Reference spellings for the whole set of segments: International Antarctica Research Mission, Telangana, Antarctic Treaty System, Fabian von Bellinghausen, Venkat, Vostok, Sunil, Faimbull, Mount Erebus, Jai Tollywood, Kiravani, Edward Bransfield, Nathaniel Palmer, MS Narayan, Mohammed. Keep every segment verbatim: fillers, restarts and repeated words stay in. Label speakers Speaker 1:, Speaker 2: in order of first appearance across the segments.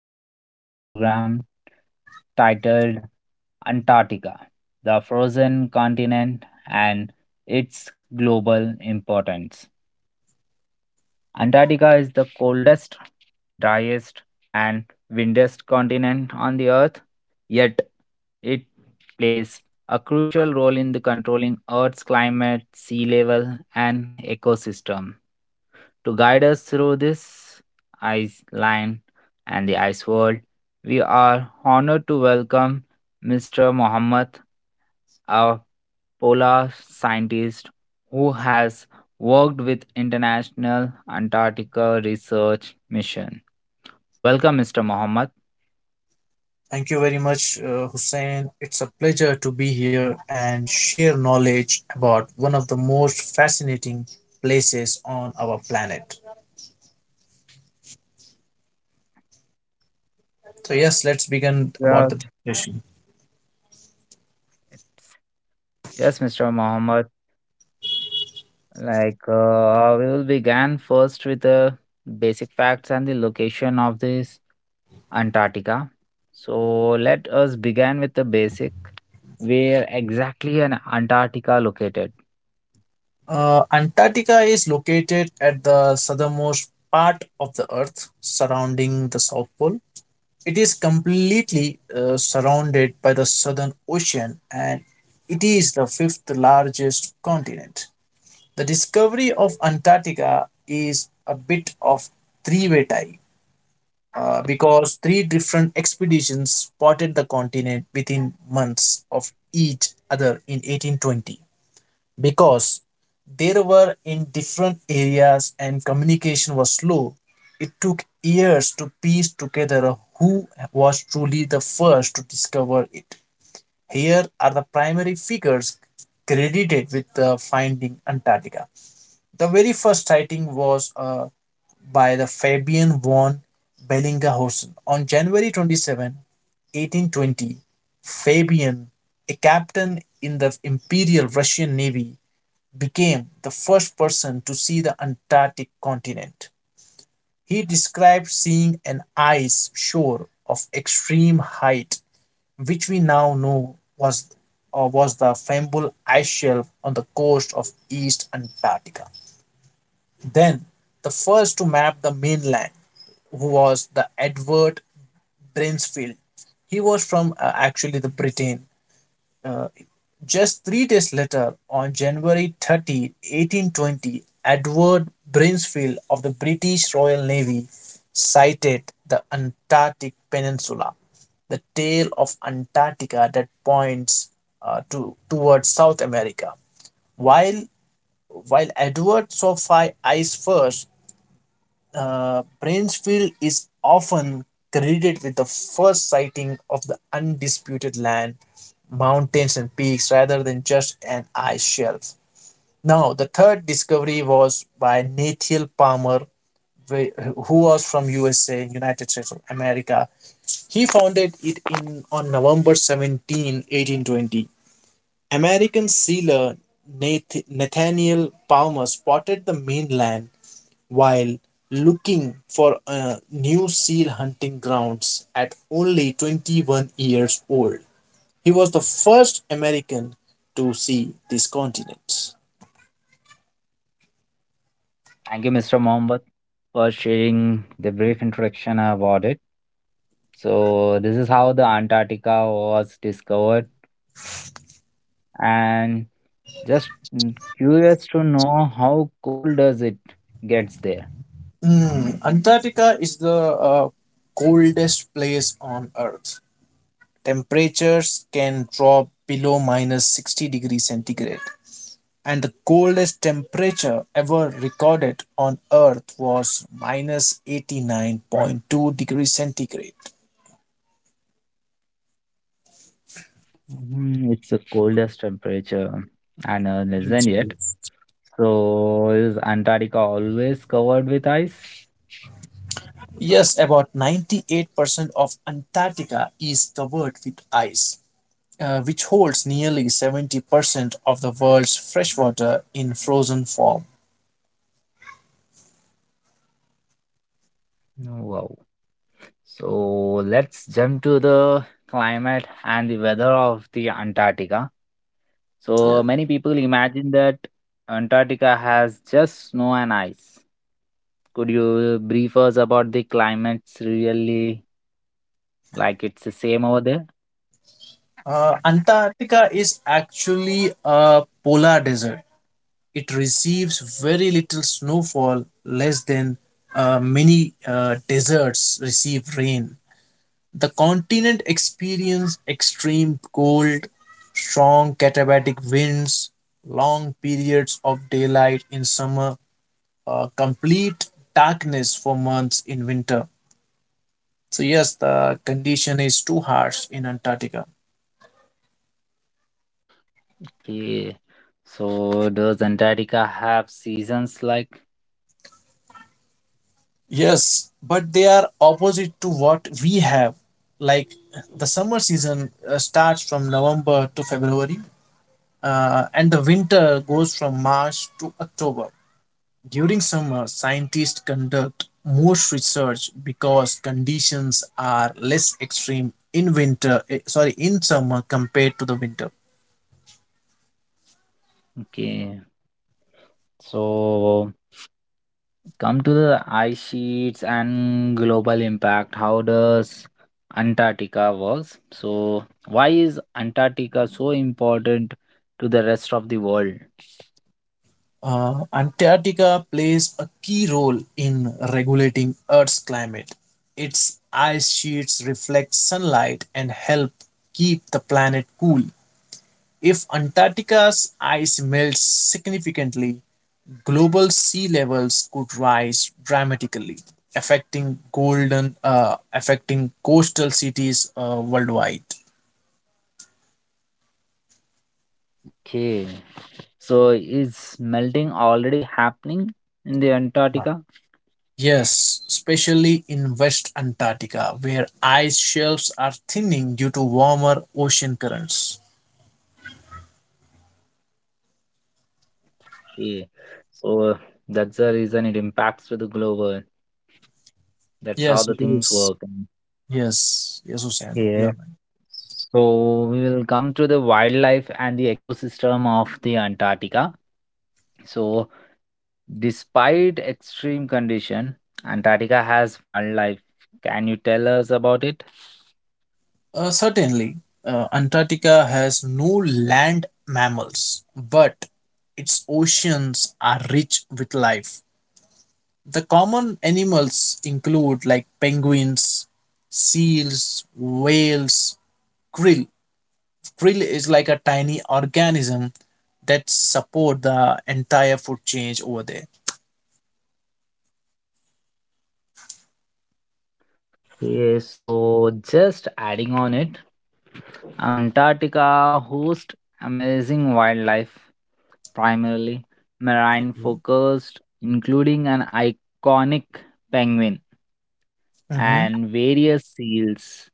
Speaker 1: educational program titled Antarctica, the frozen continent and its global importance. Antarctica is the coldest, driest, and windiest continent on the Earth, yet it plays a crucial role in the controlling Earth's climate, sea level, and ecosystem. To guide us through this ice line and the ice world, we are honored to welcome mister Mohammed, a polar scientist who has worked with International Antarctica Research Mission. Welcome, mister Mohammed.
Speaker 2: Thank you very much, uh, Hussein. It's a pleasure to be here and share knowledge about one of the most fascinating places on our planet. So, yes, let's begin about
Speaker 1: Yeah,
Speaker 2: the.
Speaker 1: It's- Yes, mister Mohammed. Like uh, we will begin first with the basic facts and the location of this Antarctica. So let us begin with the basic. Where exactly in Antarctica located?
Speaker 2: Uh, Antarctica is located at the southernmost part of the Earth, surrounding the South Pole. It is completely uh, surrounded by the Southern Ocean, and it is the fifth largest continent. The discovery of Antarctica is a bit of three way tie, uh, because three different expeditions spotted the continent within months of each other in eighteen twenty. Because they were in different areas and communication was slow, it took years to piece together who was truly the first to discover it. Here are the primary figures credited with uh, finding Antarctica. The very first sighting was uh, by the Fabian von Bellinghausen. On January twenty-seventh, eighteen twenty, Fabian, a captain in the Imperial Russian Navy, became the first person to see the Antarctic continent. He described seeing an ice shore of extreme height, which we now know was, uh, was the Faimbull ice shelf on the coast of East Antarctica. Then, the first to map the mainland, who was the Edward Bransfield. He was from uh, actually the Britain. Uh, just three days later, on January thirtieth, eighteen twenty, Edward Bransfield of the British Royal Navy sighted the Antarctic Peninsula. The tail of Antarctica that points uh, to towards South America. While while Edward saw five ice first, uh, Bransfield is often credited with the first sighting of the undisputed land, mountains, and peaks rather than just an ice shelf. Now, the third discovery was by Nathiel Palmer, wh- who was from U S A, United States of America. He founded it in on November seventeenth, eighteen twenty. American sealer Nath- Nathaniel Palmer spotted the mainland while looking for uh, new seal hunting grounds at only twenty-one years old. He was the first American to see this continent.
Speaker 1: Thank you, mister Mohammed, for sharing the brief introduction about it. So this is how the Antarctica was discovered. And just mm, curious to know how cold does it gets there?
Speaker 2: Hmm, Antarctica is the uh, coldest place on Earth. Temperatures can drop below minus sixty degrees centigrade degrees centigrade, and the coldest temperature ever recorded on Earth was minus eighty-nine point two degrees centigrade degrees centigrade.
Speaker 1: Mm, it's the coldest temperature I know is yet. So is Antarctica always covered with ice?
Speaker 2: Yes, about ninety-eight percent of Antarctica is covered with ice, uh, which holds nearly seventy percent of the world's freshwater in frozen form.
Speaker 1: Wow. So let's jump to the climate and the weather of the Antarctica. So
Speaker 2: Yeah.
Speaker 1: many people imagine that Antarctica has just snow and ice. Could you uh, brief us about the climates really like it's the same over there?
Speaker 2: Uh, Antarctica is actually a polar desert. It receives very little snowfall, less than uh, many uh, deserts receive rain. The continent experienced extreme cold, strong katabatic winds, long periods of daylight in summer, uh, complete darkness for months in winter. So, yes, the condition is too harsh in Antarctica.
Speaker 1: Okay. So does Antarctica have seasons like
Speaker 2: Yes, but they are opposite to what we have. Like, the summer season uh, starts from November to February, uh, and the winter goes from March to October. During summer, scientists conduct most research because conditions are less extreme in winter, eh, sorry, in summer compared to the winter.
Speaker 1: okay. So come to the ice sheets and global impact. How does Antarctica works? So why is Antarctica so important to the rest of the world?
Speaker 2: Uh, Antarctica plays a key role in regulating Earth's climate. Its ice sheets reflect sunlight and help keep the planet cool. If Antarctica's ice melts significantly, global sea levels could rise dramatically, affecting golden, uh, affecting coastal cities uh, worldwide.
Speaker 1: Okay. So is melting already happening in the Antarctica?
Speaker 2: Yes, especially in West Antarctica, where ice shelves are thinning due to warmer ocean currents.
Speaker 1: Yeah. So uh, that's the reason it impacts with the global. That's how
Speaker 2: Yes,
Speaker 1: the
Speaker 2: it
Speaker 1: things
Speaker 2: is.
Speaker 1: work. And
Speaker 2: Yes, yes, Hussein, you
Speaker 1: yeah,
Speaker 2: are
Speaker 1: so we will come to the wildlife and the ecosystem of the Antarctica. So despite extreme condition, Antarctica has wildlife. Can you tell us about it?
Speaker 2: right. Uh, certainly, uh, Antarctica has no land mammals, but its oceans are rich with life. The common animals include like penguins, seals, whales, krill. Krill is like a tiny organism that support the entire food change over there.
Speaker 1: Yes, so just adding on it, Antarctica hosts amazing wildlife primarily marine
Speaker 2: Mhm.
Speaker 1: focused, including an iconic penguin
Speaker 2: Mhm.
Speaker 1: and various seals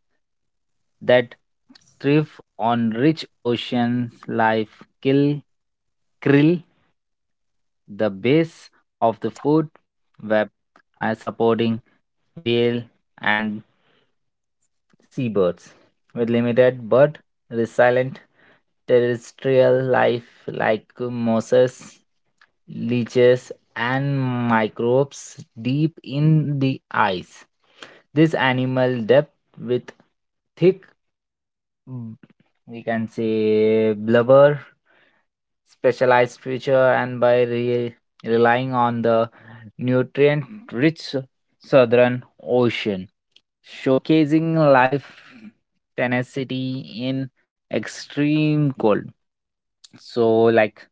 Speaker 1: that thrive on rich ocean life. Kill krill, the base of the food web, are supporting whale and seabirds, with limited but resilient terrestrial life like mosses, leeches, and microbes deep in the ice. This animal depth with thick, mm, we can say, blubber, specialized feature, and by re- relying on the nutrient rich southern ocean showcasing life tenacity in extreme cold. So, like,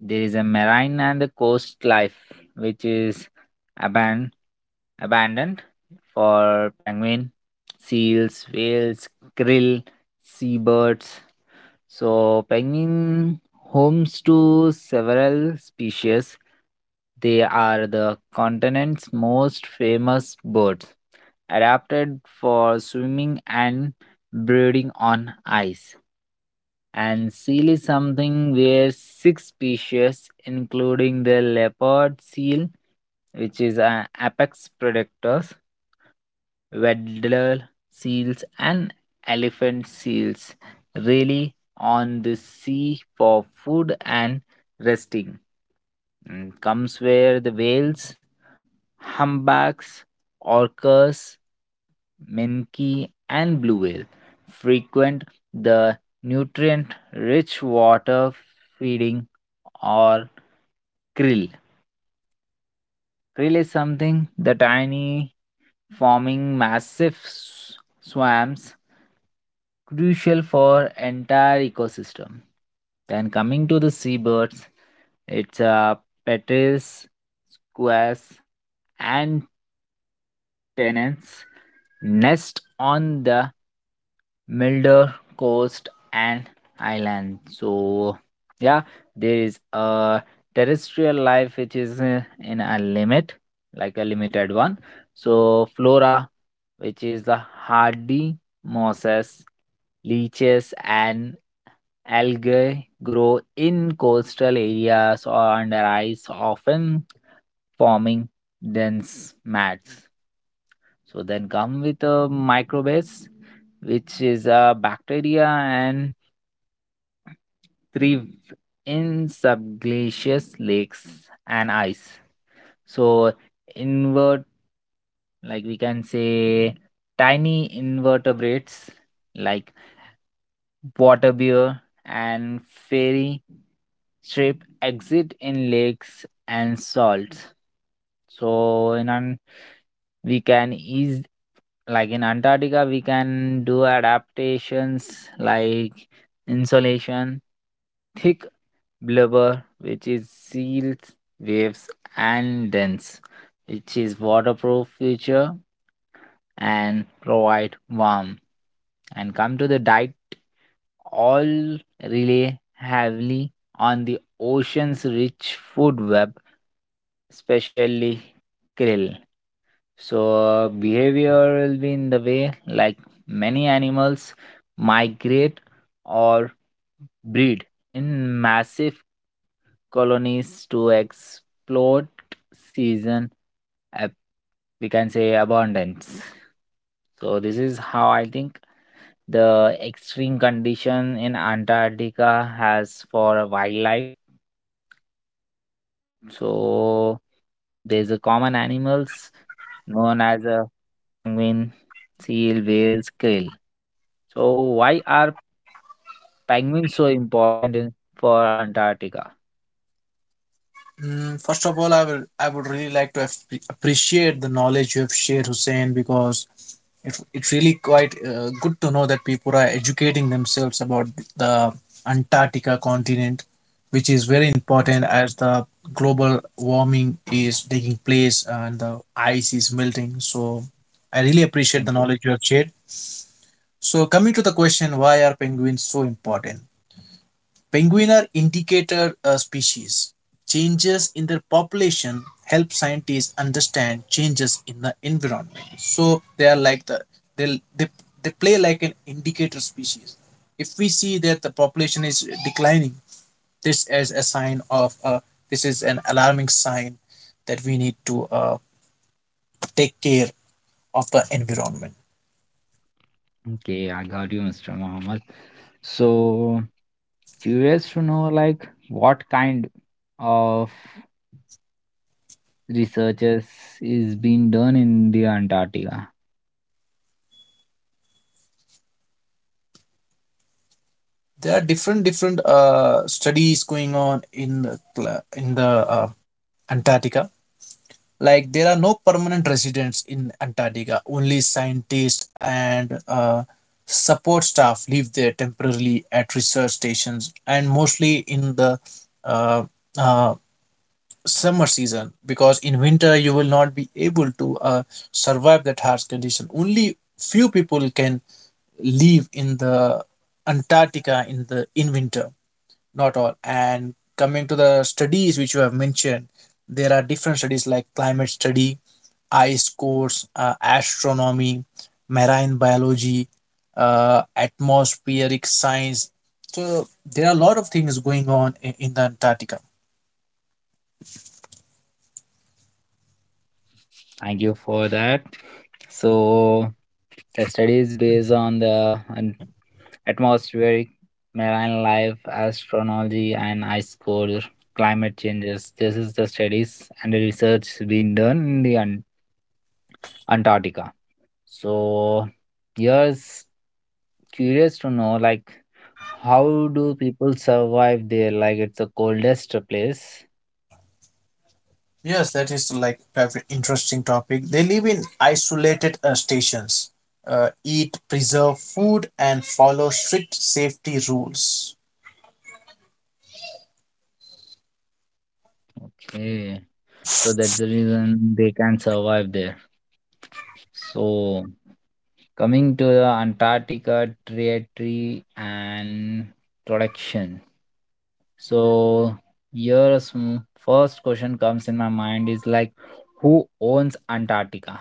Speaker 1: there is a marine and the coast life which is aban- abandoned for penguin, seals, whales, krill, seabirds. So, penguin homes to several species. They are the continent's most famous birds adapted for swimming and breeding on ice. And seal is something where six species, including the leopard seal, which is an apex predators, waddler seals, and elephant seals, really on the sea for food and resting. Mm, comes where the whales humpbacks, orcas, minke, and blue whale frequent the nutrient rich water feeding or krill. Krill is something the tiny forming massive s- swarms crucial for entire ecosystem. Then coming to the seabirds, it's uh, petrels, squares, and tenants nest on the Milder Coast and Island. So, yeah, there is a terrestrial life which is uh, in a limit, like a limited one. So, flora, which is the hardy mosses, leeches, and algae grow in coastal areas or under ice, often forming dense mats. So then come with a microbes, which is a bacteria and thrive in subglacious lakes and ice. So invert, like we can say, tiny invertebrates like water bear and fairy shrimp exit in lakes and salts. So in an we can easily like in Antarctica, we can do adaptations like insulation, thick blubber, which is seals, waves, and dense, which is waterproof feature and provide warmth. And come to the diet, all rely heavily on the ocean's rich food web, especially krill. So, uh, behavior will be in the way like many animals migrate or breed in massive colonies to exploit season, ab- we can say abundance. So, this is how I think the extreme condition in Antarctica has for wildlife. So there's a common animals known as a penguin, seal, whales, krill. So why are penguins so important in, for Antarctica?
Speaker 2: Mm, first of all, I will I would really like to ap- appreciate the knowledge you have shared, Hussein, because It, it's really quite uh, good to know that people are educating themselves about the Antarctica continent, which is very important as the global warming is taking place and the ice is melting. So I really appreciate the
Speaker 1: Thank you.
Speaker 2: knowledge you have shared. So coming to the question, why are penguins so important? Penguins are indicator uh, species. Changes in their population help scientists understand changes in the environment. So they are like the they they, they play like an indicator species. If we see that the population is declining, this is a sign of uh, this is an alarming sign that we need to uh, take care of the environment.
Speaker 1: Okay, I got you, mister Muhammad. So, curious to know like what kind of researches is being done in the Antarctica.
Speaker 2: There are different different uh, studies going on in the in the uh, Antarctica. Like, there are no permanent residents in Antarctica. Only scientists and uh, support staff live there temporarily at research stations, and mostly in the uh, uh, summer season, because in winter you will not be able to uh, survive that harsh condition. Only few people can live in the Antarctica in the in winter, not all. And coming to the studies which you have mentioned, there are different studies like climate study, ice cores, uh, astronomy, marine biology, uh, atmospheric science. So there are a lot of things going on in, in the antarctica.
Speaker 1: Thank you for that. So, the study is based on the an- atmospheric marine life, astronomy, and ice core climate changes. This is the studies and the research being done in the Ant- Antarctica. So, here's curious to know like how do people survive there like it's the coldest place.
Speaker 2: Yes, that is like a very interesting topic. They live in isolated uh, stations, uh, eat preserved food, and follow strict safety rules.
Speaker 1: Okay, so that's the reason they can survive there. So coming to the Antarctica Treaty and introduction. So here is m- first question comes in my mind is like who owns Antarctica?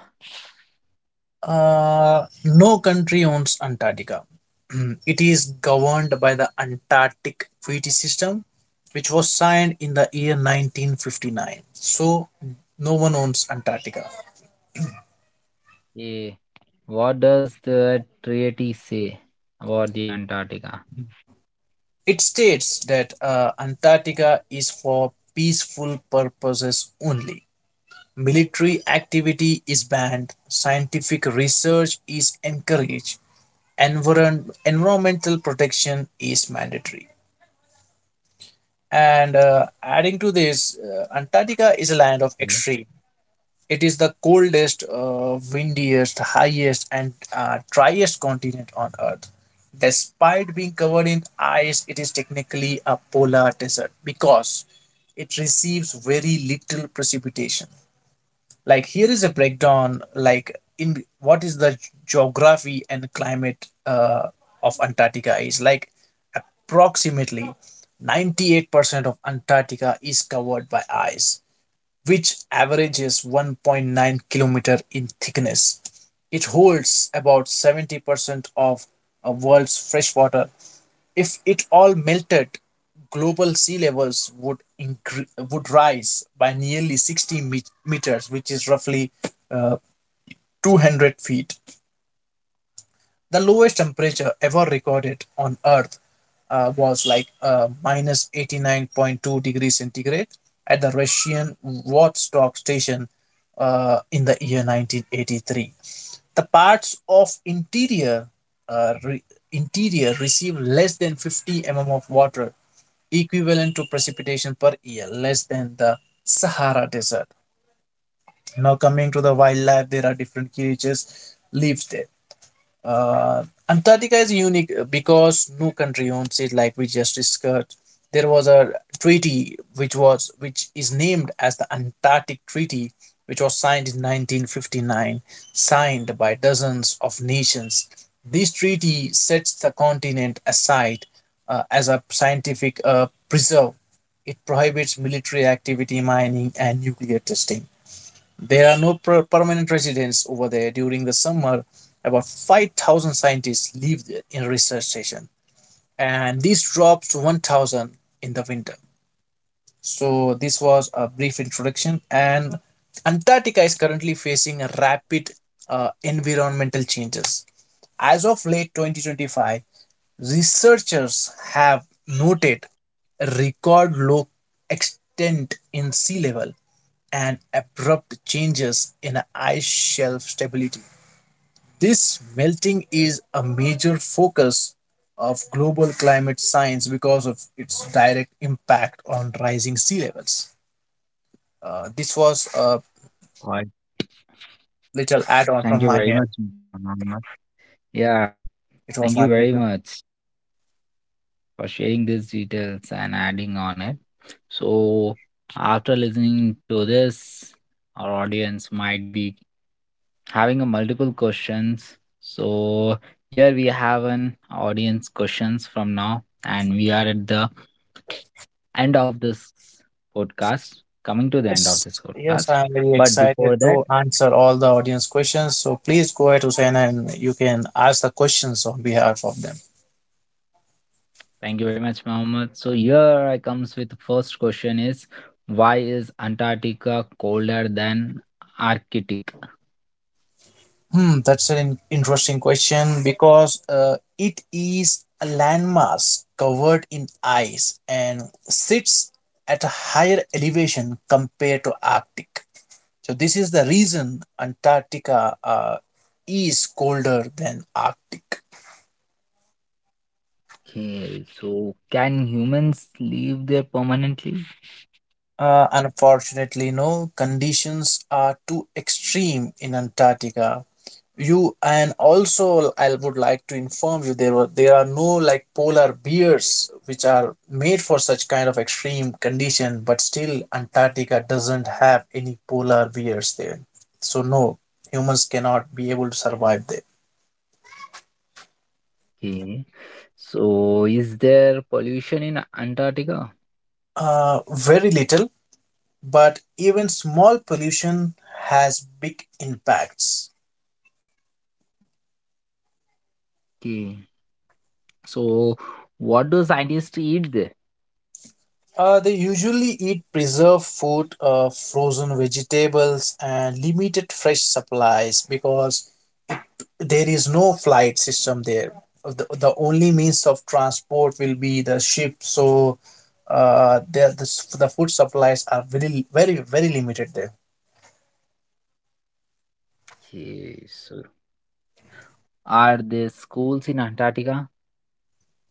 Speaker 2: Uh, no country owns Antarctica. It is governed by the Antarctic Treaty System, which was signed in the year nineteen fifty-nine. So, no one owns Antarctica.
Speaker 1: Eh, what does the treaty say about the Antarctica?
Speaker 2: It states that uh, Antarctica is for peaceful purposes only. Military activity is banned, scientific research is encouraged, environ- environmental protection is mandatory. And uh, adding to this, uh, Antarctica is a land of
Speaker 1: Okay.
Speaker 2: extreme. It is the coldest, uh, windiest, highest, and uh, driest continent on Earth. Despite being covered in ice, it is technically a polar desert because it receives very little precipitation. Like, here is a breakdown. Like, in what is the geography and climate uh, of antarctica is like approximately ninety-eight percent of antarctica is covered by ice, which averages one point nine kilometer in thickness. It holds about seventy percent of the world's freshwater. If it all melted, global sea levels would incre- would rise by nearly sixty met- meters, which is roughly uh, two hundred feet. The lowest temperature ever recorded on Earth uh, was like uh, minus eighty-nine point two degrees centigrade degrees centigrade at the Russian Vostok station uh, in the year nineteen eighty-three. The parts of interior uh, re- interior receive less than fifty millimeters of water, equivalent to precipitation per year, less than the Sahara Desert. Now coming to the wildlife, there are different creatures lives there. uh, Antarctica is unique uh, because no country owns it, like we just discussed. There was a treaty which was which is named as the Antarctic Treaty, which was signed in nineteen fifty-nine, signed by dozens of nations. This treaty sets the continent aside uh, as a scientific uh, preserve. It prohibits military activity, mining, and nuclear testing. There are no per- permanent residents over there during the summer. About five thousand scientists live th- in research station, and this drops to one thousand in the winter. So this was a brief introduction. And Antarctica is currently facing a rapid uh, environmental changes. As of late twenty twenty-five, researchers have noted a record low extent in sea level and abrupt changes in ice shelf stability. This melting is a major focus of global climate science because of its direct impact on rising sea levels. Uh, this was a
Speaker 1: All right.
Speaker 2: little add on
Speaker 1: Thank
Speaker 2: from
Speaker 1: you
Speaker 2: my
Speaker 1: very
Speaker 2: end.
Speaker 1: much, mister Mohammed. Yeah,
Speaker 2: It was
Speaker 1: thank
Speaker 2: my
Speaker 1: you very
Speaker 2: pleasure.
Speaker 1: much for sharing these details and adding on it. So, after listening to this, our audience might be having a multiple questions. So, here we have an audience questions from now, and we are at the end of this podcast, coming to the end of
Speaker 2: Yes,
Speaker 1: this
Speaker 2: yes,
Speaker 1: podcast.
Speaker 2: I'm very
Speaker 1: But
Speaker 2: excited
Speaker 1: before that,
Speaker 2: to answer all the audience questions. So please go ahead, Hussein, and you can ask the questions on behalf of them.
Speaker 1: thank you very much, Mohammed. So, here I comes with the first question is why is Antarctica colder than Arctic?
Speaker 2: Hmm, that's an in- interesting question because uh, it is a landmass covered in ice and sits at a higher elevation compared to Arctic. So this is the reason Antarctica uh, is colder than Arctic.
Speaker 1: Okay, so can humans live there permanently?
Speaker 2: Uh, unfortunately, no conditions are too extreme in Antarctica, you, and also I would like to inform you there were there are no like polar bears which are made for such kind of extreme condition, but still antarctica doesn't have any polar bears there. So no, humans cannot be able to survive there.
Speaker 1: Okay, so is there pollution in Antarctica?
Speaker 2: Uh, very little, but even small pollution has big impacts.
Speaker 1: Okay, so what do scientists eat there?
Speaker 2: Uh, they usually eat preserved food, uh, frozen vegetables, and limited fresh supplies, because there is no flight system there. The, the only means of transport will be the ship. So uh the, the the food supplies are very very very limited there.
Speaker 1: Okay, so are there schools in Antarctica?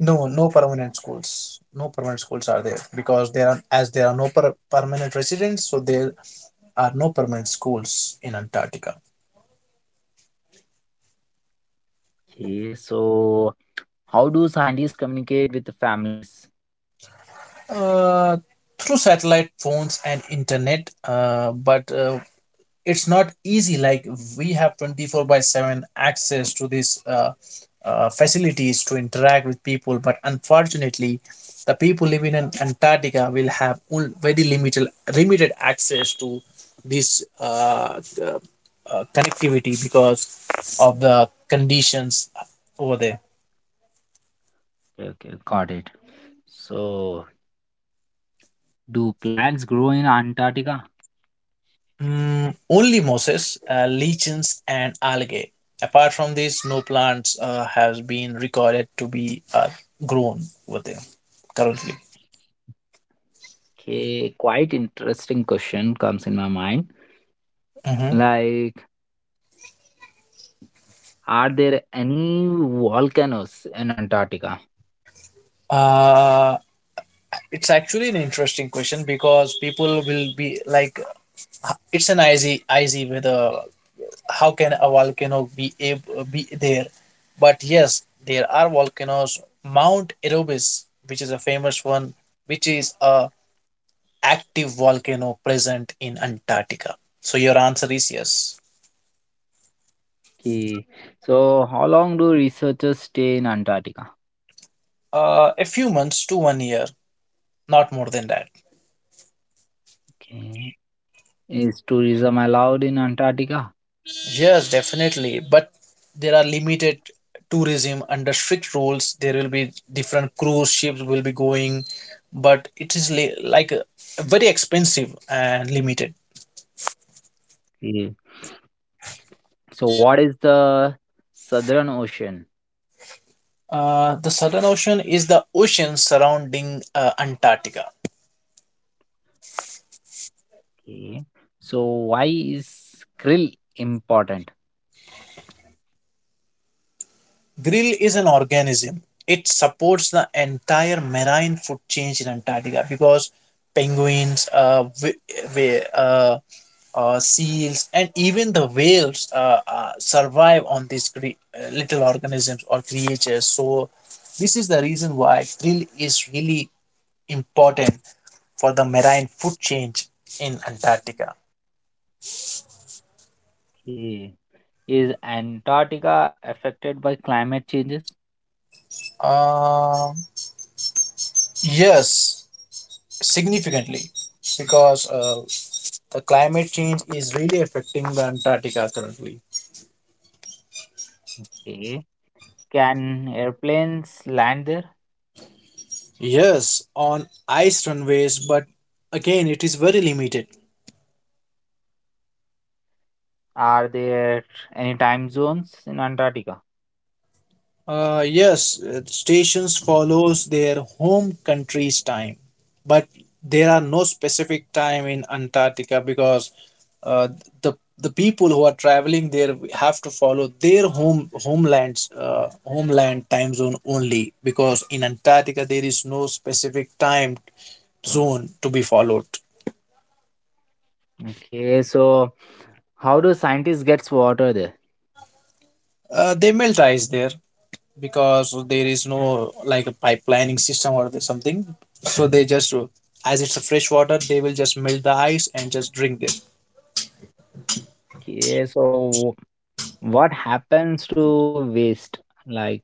Speaker 2: No, no permanent schools. No permanent schools are there, because there are, as there are no per- permanent residents. So there are no permanent schools in antarctica.
Speaker 1: Okay, so how do scientists communicate with the families?
Speaker 2: Uh, through satellite phones and internet, uh, but uh, it's not easy. Like, we have twenty-four by seven access to these uh, uh, facilities to interact with people, but unfortunately the people living in antarctica will have only very limited limited access to this uh, uh, uh, connectivity because of the conditions over there.
Speaker 1: Okay, okay, got it. So do plants grow in Antarctica?
Speaker 2: Mm, only mosses, uh, lichens, and algae. Apart from these, no plants uh, has been recorded to be uh, grown over there currently.
Speaker 1: Okay, quite interesting question comes in my mind.
Speaker 2: Hmm.
Speaker 1: Like are there any volcanoes in Antarctica?
Speaker 2: Uh, it's actually an interesting question because people will be like, h- it's an icy, icy weather. How can a volcano be ab- be there? But yes, there are volcanoes. Mount Erebus, which is a famous one, which is a active volcano present in Antarctica? So your answer is yes.
Speaker 1: Okay. So, how long do researchers stay in Antarctica?
Speaker 2: Uh, a few months to one year, not more than that.
Speaker 1: Okay. Is tourism allowed in Antarctica?
Speaker 2: Yes, definitely. But there are limited tourism under strict rules. There will be different cruise ships will be going, but it is li- like uh, very expensive and limited.
Speaker 1: Okay. So, what is the Southern Ocean?
Speaker 2: Uh, the Southern Ocean is the ocean surrounding uh, Antarctica.
Speaker 1: Okay. So, why is krill important?
Speaker 2: Grill is an organism. It supports the entire marine food chain in Antarctica because penguins, uh, wh- wh- uh, uh, seals, and even the whales uh, uh, survive on these cre- uh, little organisms or creatures. So, this is the reason why krill is really important for the marine food chain in Antarctica.
Speaker 1: Okay. Is Antarctica affected by climate changes?
Speaker 2: Um yes, significantly, because uh, The climate change is really affecting the Antarctica currently.
Speaker 1: Okay. Can airplanes land there?
Speaker 2: Yes, on ice runways, but again, it is very limited.
Speaker 1: Are there any time zones in Antarctica?
Speaker 2: Uh, yes, uh, stations follows their home country's time, but there are no specific time in Antarctica because uh, the the people who are traveling there have to follow their home homelands uh, homeland time zone only, because in Antarctica there is no specific time zone to be followed.
Speaker 1: Okay, so how do scientists gets water there?
Speaker 2: Uh, they melt ice there because there is no like a pipelining system or the something. So they just, as it's a fresh water, they will just melt the ice and just drink it.
Speaker 1: Okay, so what happens to waste? Like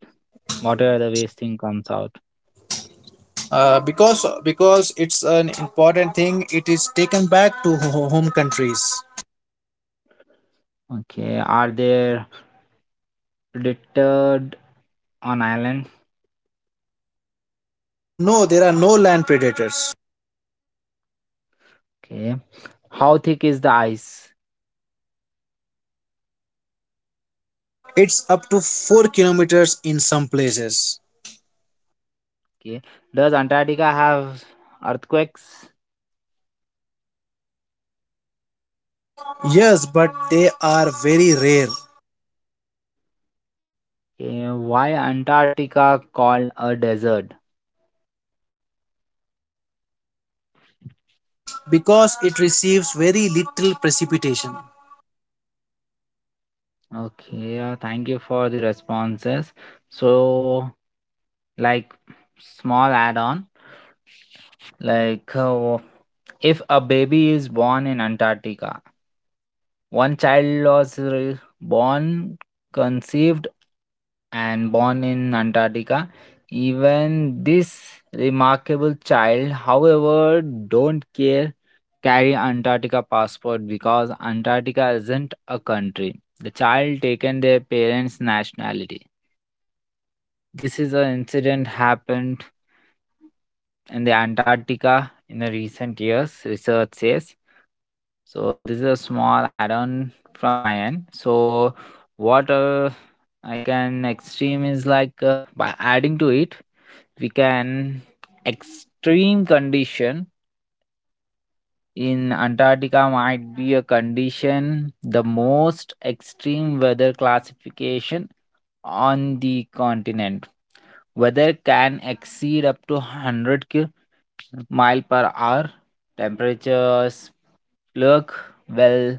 Speaker 1: water, the waste thing comes out.
Speaker 2: Uh, because because it's an important thing, it is taken back to ho- home countries.
Speaker 1: Okay, are there predicted on island?
Speaker 2: No, there are no land predators.
Speaker 1: Okay, how thick is the ice?
Speaker 2: It's up to four kilometers in some places.
Speaker 1: Okay, does Antarctica have earthquakes?
Speaker 2: Yes, but they are very rare
Speaker 1: Okay, why Antarctica called a desert?
Speaker 2: because it receives very little precipitation.
Speaker 1: Okay, uh, thank you for the responses. So, like, small add on. Like, uh, if a baby is born in Antarctica, one child was re- born, conceived, and born in Antarctica. Even this remarkable child, however, don't care carry Antarctica passport because Antarctica isn't a country. The child taken their parents' nationality. This is an incident happened in the Antarctica in the recent years, research says. So this is a small add-on from my end. So what uh, I can extreme is like uh, by adding to it, we can extreme condition in Antarctica might be a condition the most extreme weather classification on the continent. Weather can exceed up to one hundred ki- mile per hour. Temperatures look well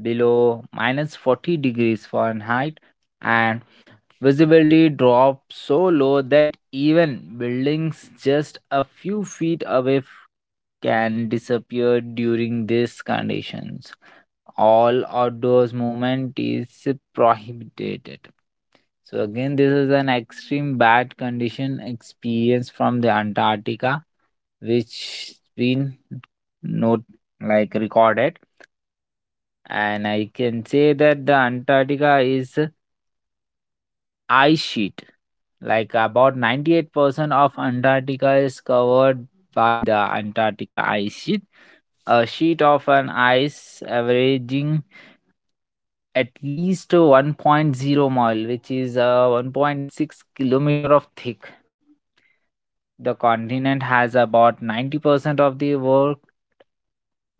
Speaker 1: below minus forty degrees Fahrenheit and visibility drops so low that even buildings just a few feet away f- can disappear during these conditions. All outdoors movement is prohibited. So again, this is an extreme bad condition experience from the Antarctica, which been not like recorded. And I can say that the Antarctica is ice sheet. Like about ninety-eight percent of Antarctica is covered by the Antarctica ice sheet, a sheet of an ice averaging at least one point zero mile, which is uh, one point six kilometer of thick. The continent has about ninety percent of the world,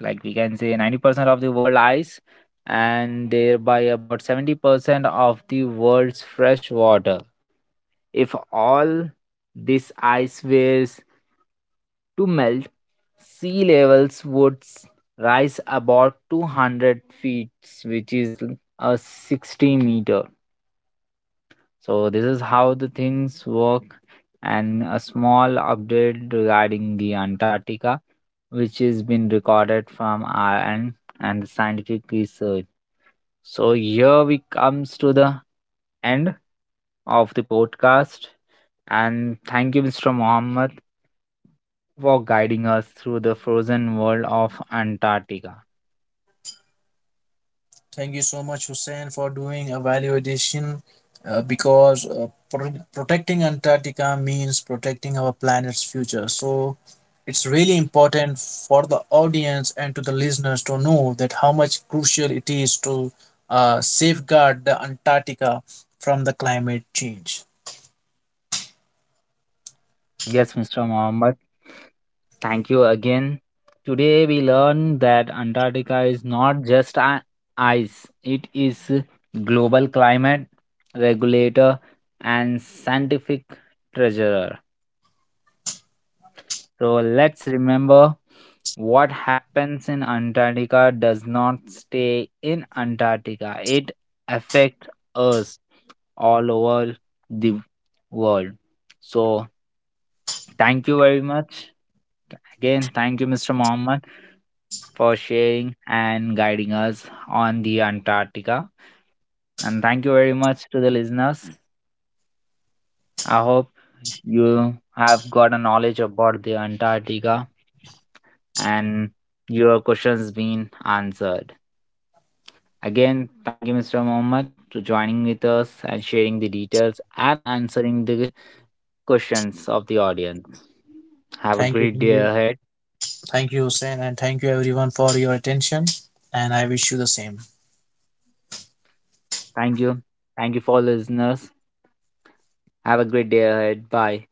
Speaker 1: like we can say ninety percent of the world ice and thereby about seventy percent of the world's fresh water. If all this ice wares to melt, sea levels would s- rise about two hundred feet, which is l- a sixty meter. So, this is how the things work. And a small update regarding the Antarctica, which has been recorded from our end and the scientific research. So here we comes to the end of the podcast and thank you mister Mohammed for guiding us through the frozen world of Antarctica.
Speaker 2: Thank you so much, Hussein, for doing a value addition, uh, because uh, pro- protecting Antarctica means protecting our planet's future. So it's really important for the audience and to the listeners to know that how much crucial it is to uh, safeguard the Antarctica from the climate change.
Speaker 1: Yes, mister Mohammed, thank you again. Today we learned that Antarctica is not just a- ice, it is a global climate regulator and scientific treasurer. So let's remember what happens in Antarctica does not stay in Antarctica. It affects us all over the world. So thank you very much. Again, thank you, mister Mohammed, for sharing and guiding us on the Antarctica. And thank you very much to the listeners. I hope you have got a knowledge about the Antarctica and your question's been answered. Again, thank you, mister Mohammed, to joining with us and sharing the details and answering the questions of the audience. Have a
Speaker 2: Thank you,
Speaker 1: great
Speaker 2: thank
Speaker 1: day
Speaker 2: you,
Speaker 1: ahead.
Speaker 2: thank you, Hussein, and thank you everyone for your attention. And I wish you the same.
Speaker 1: Thank you. Thank you for listeners. Have a great day ahead. Bye.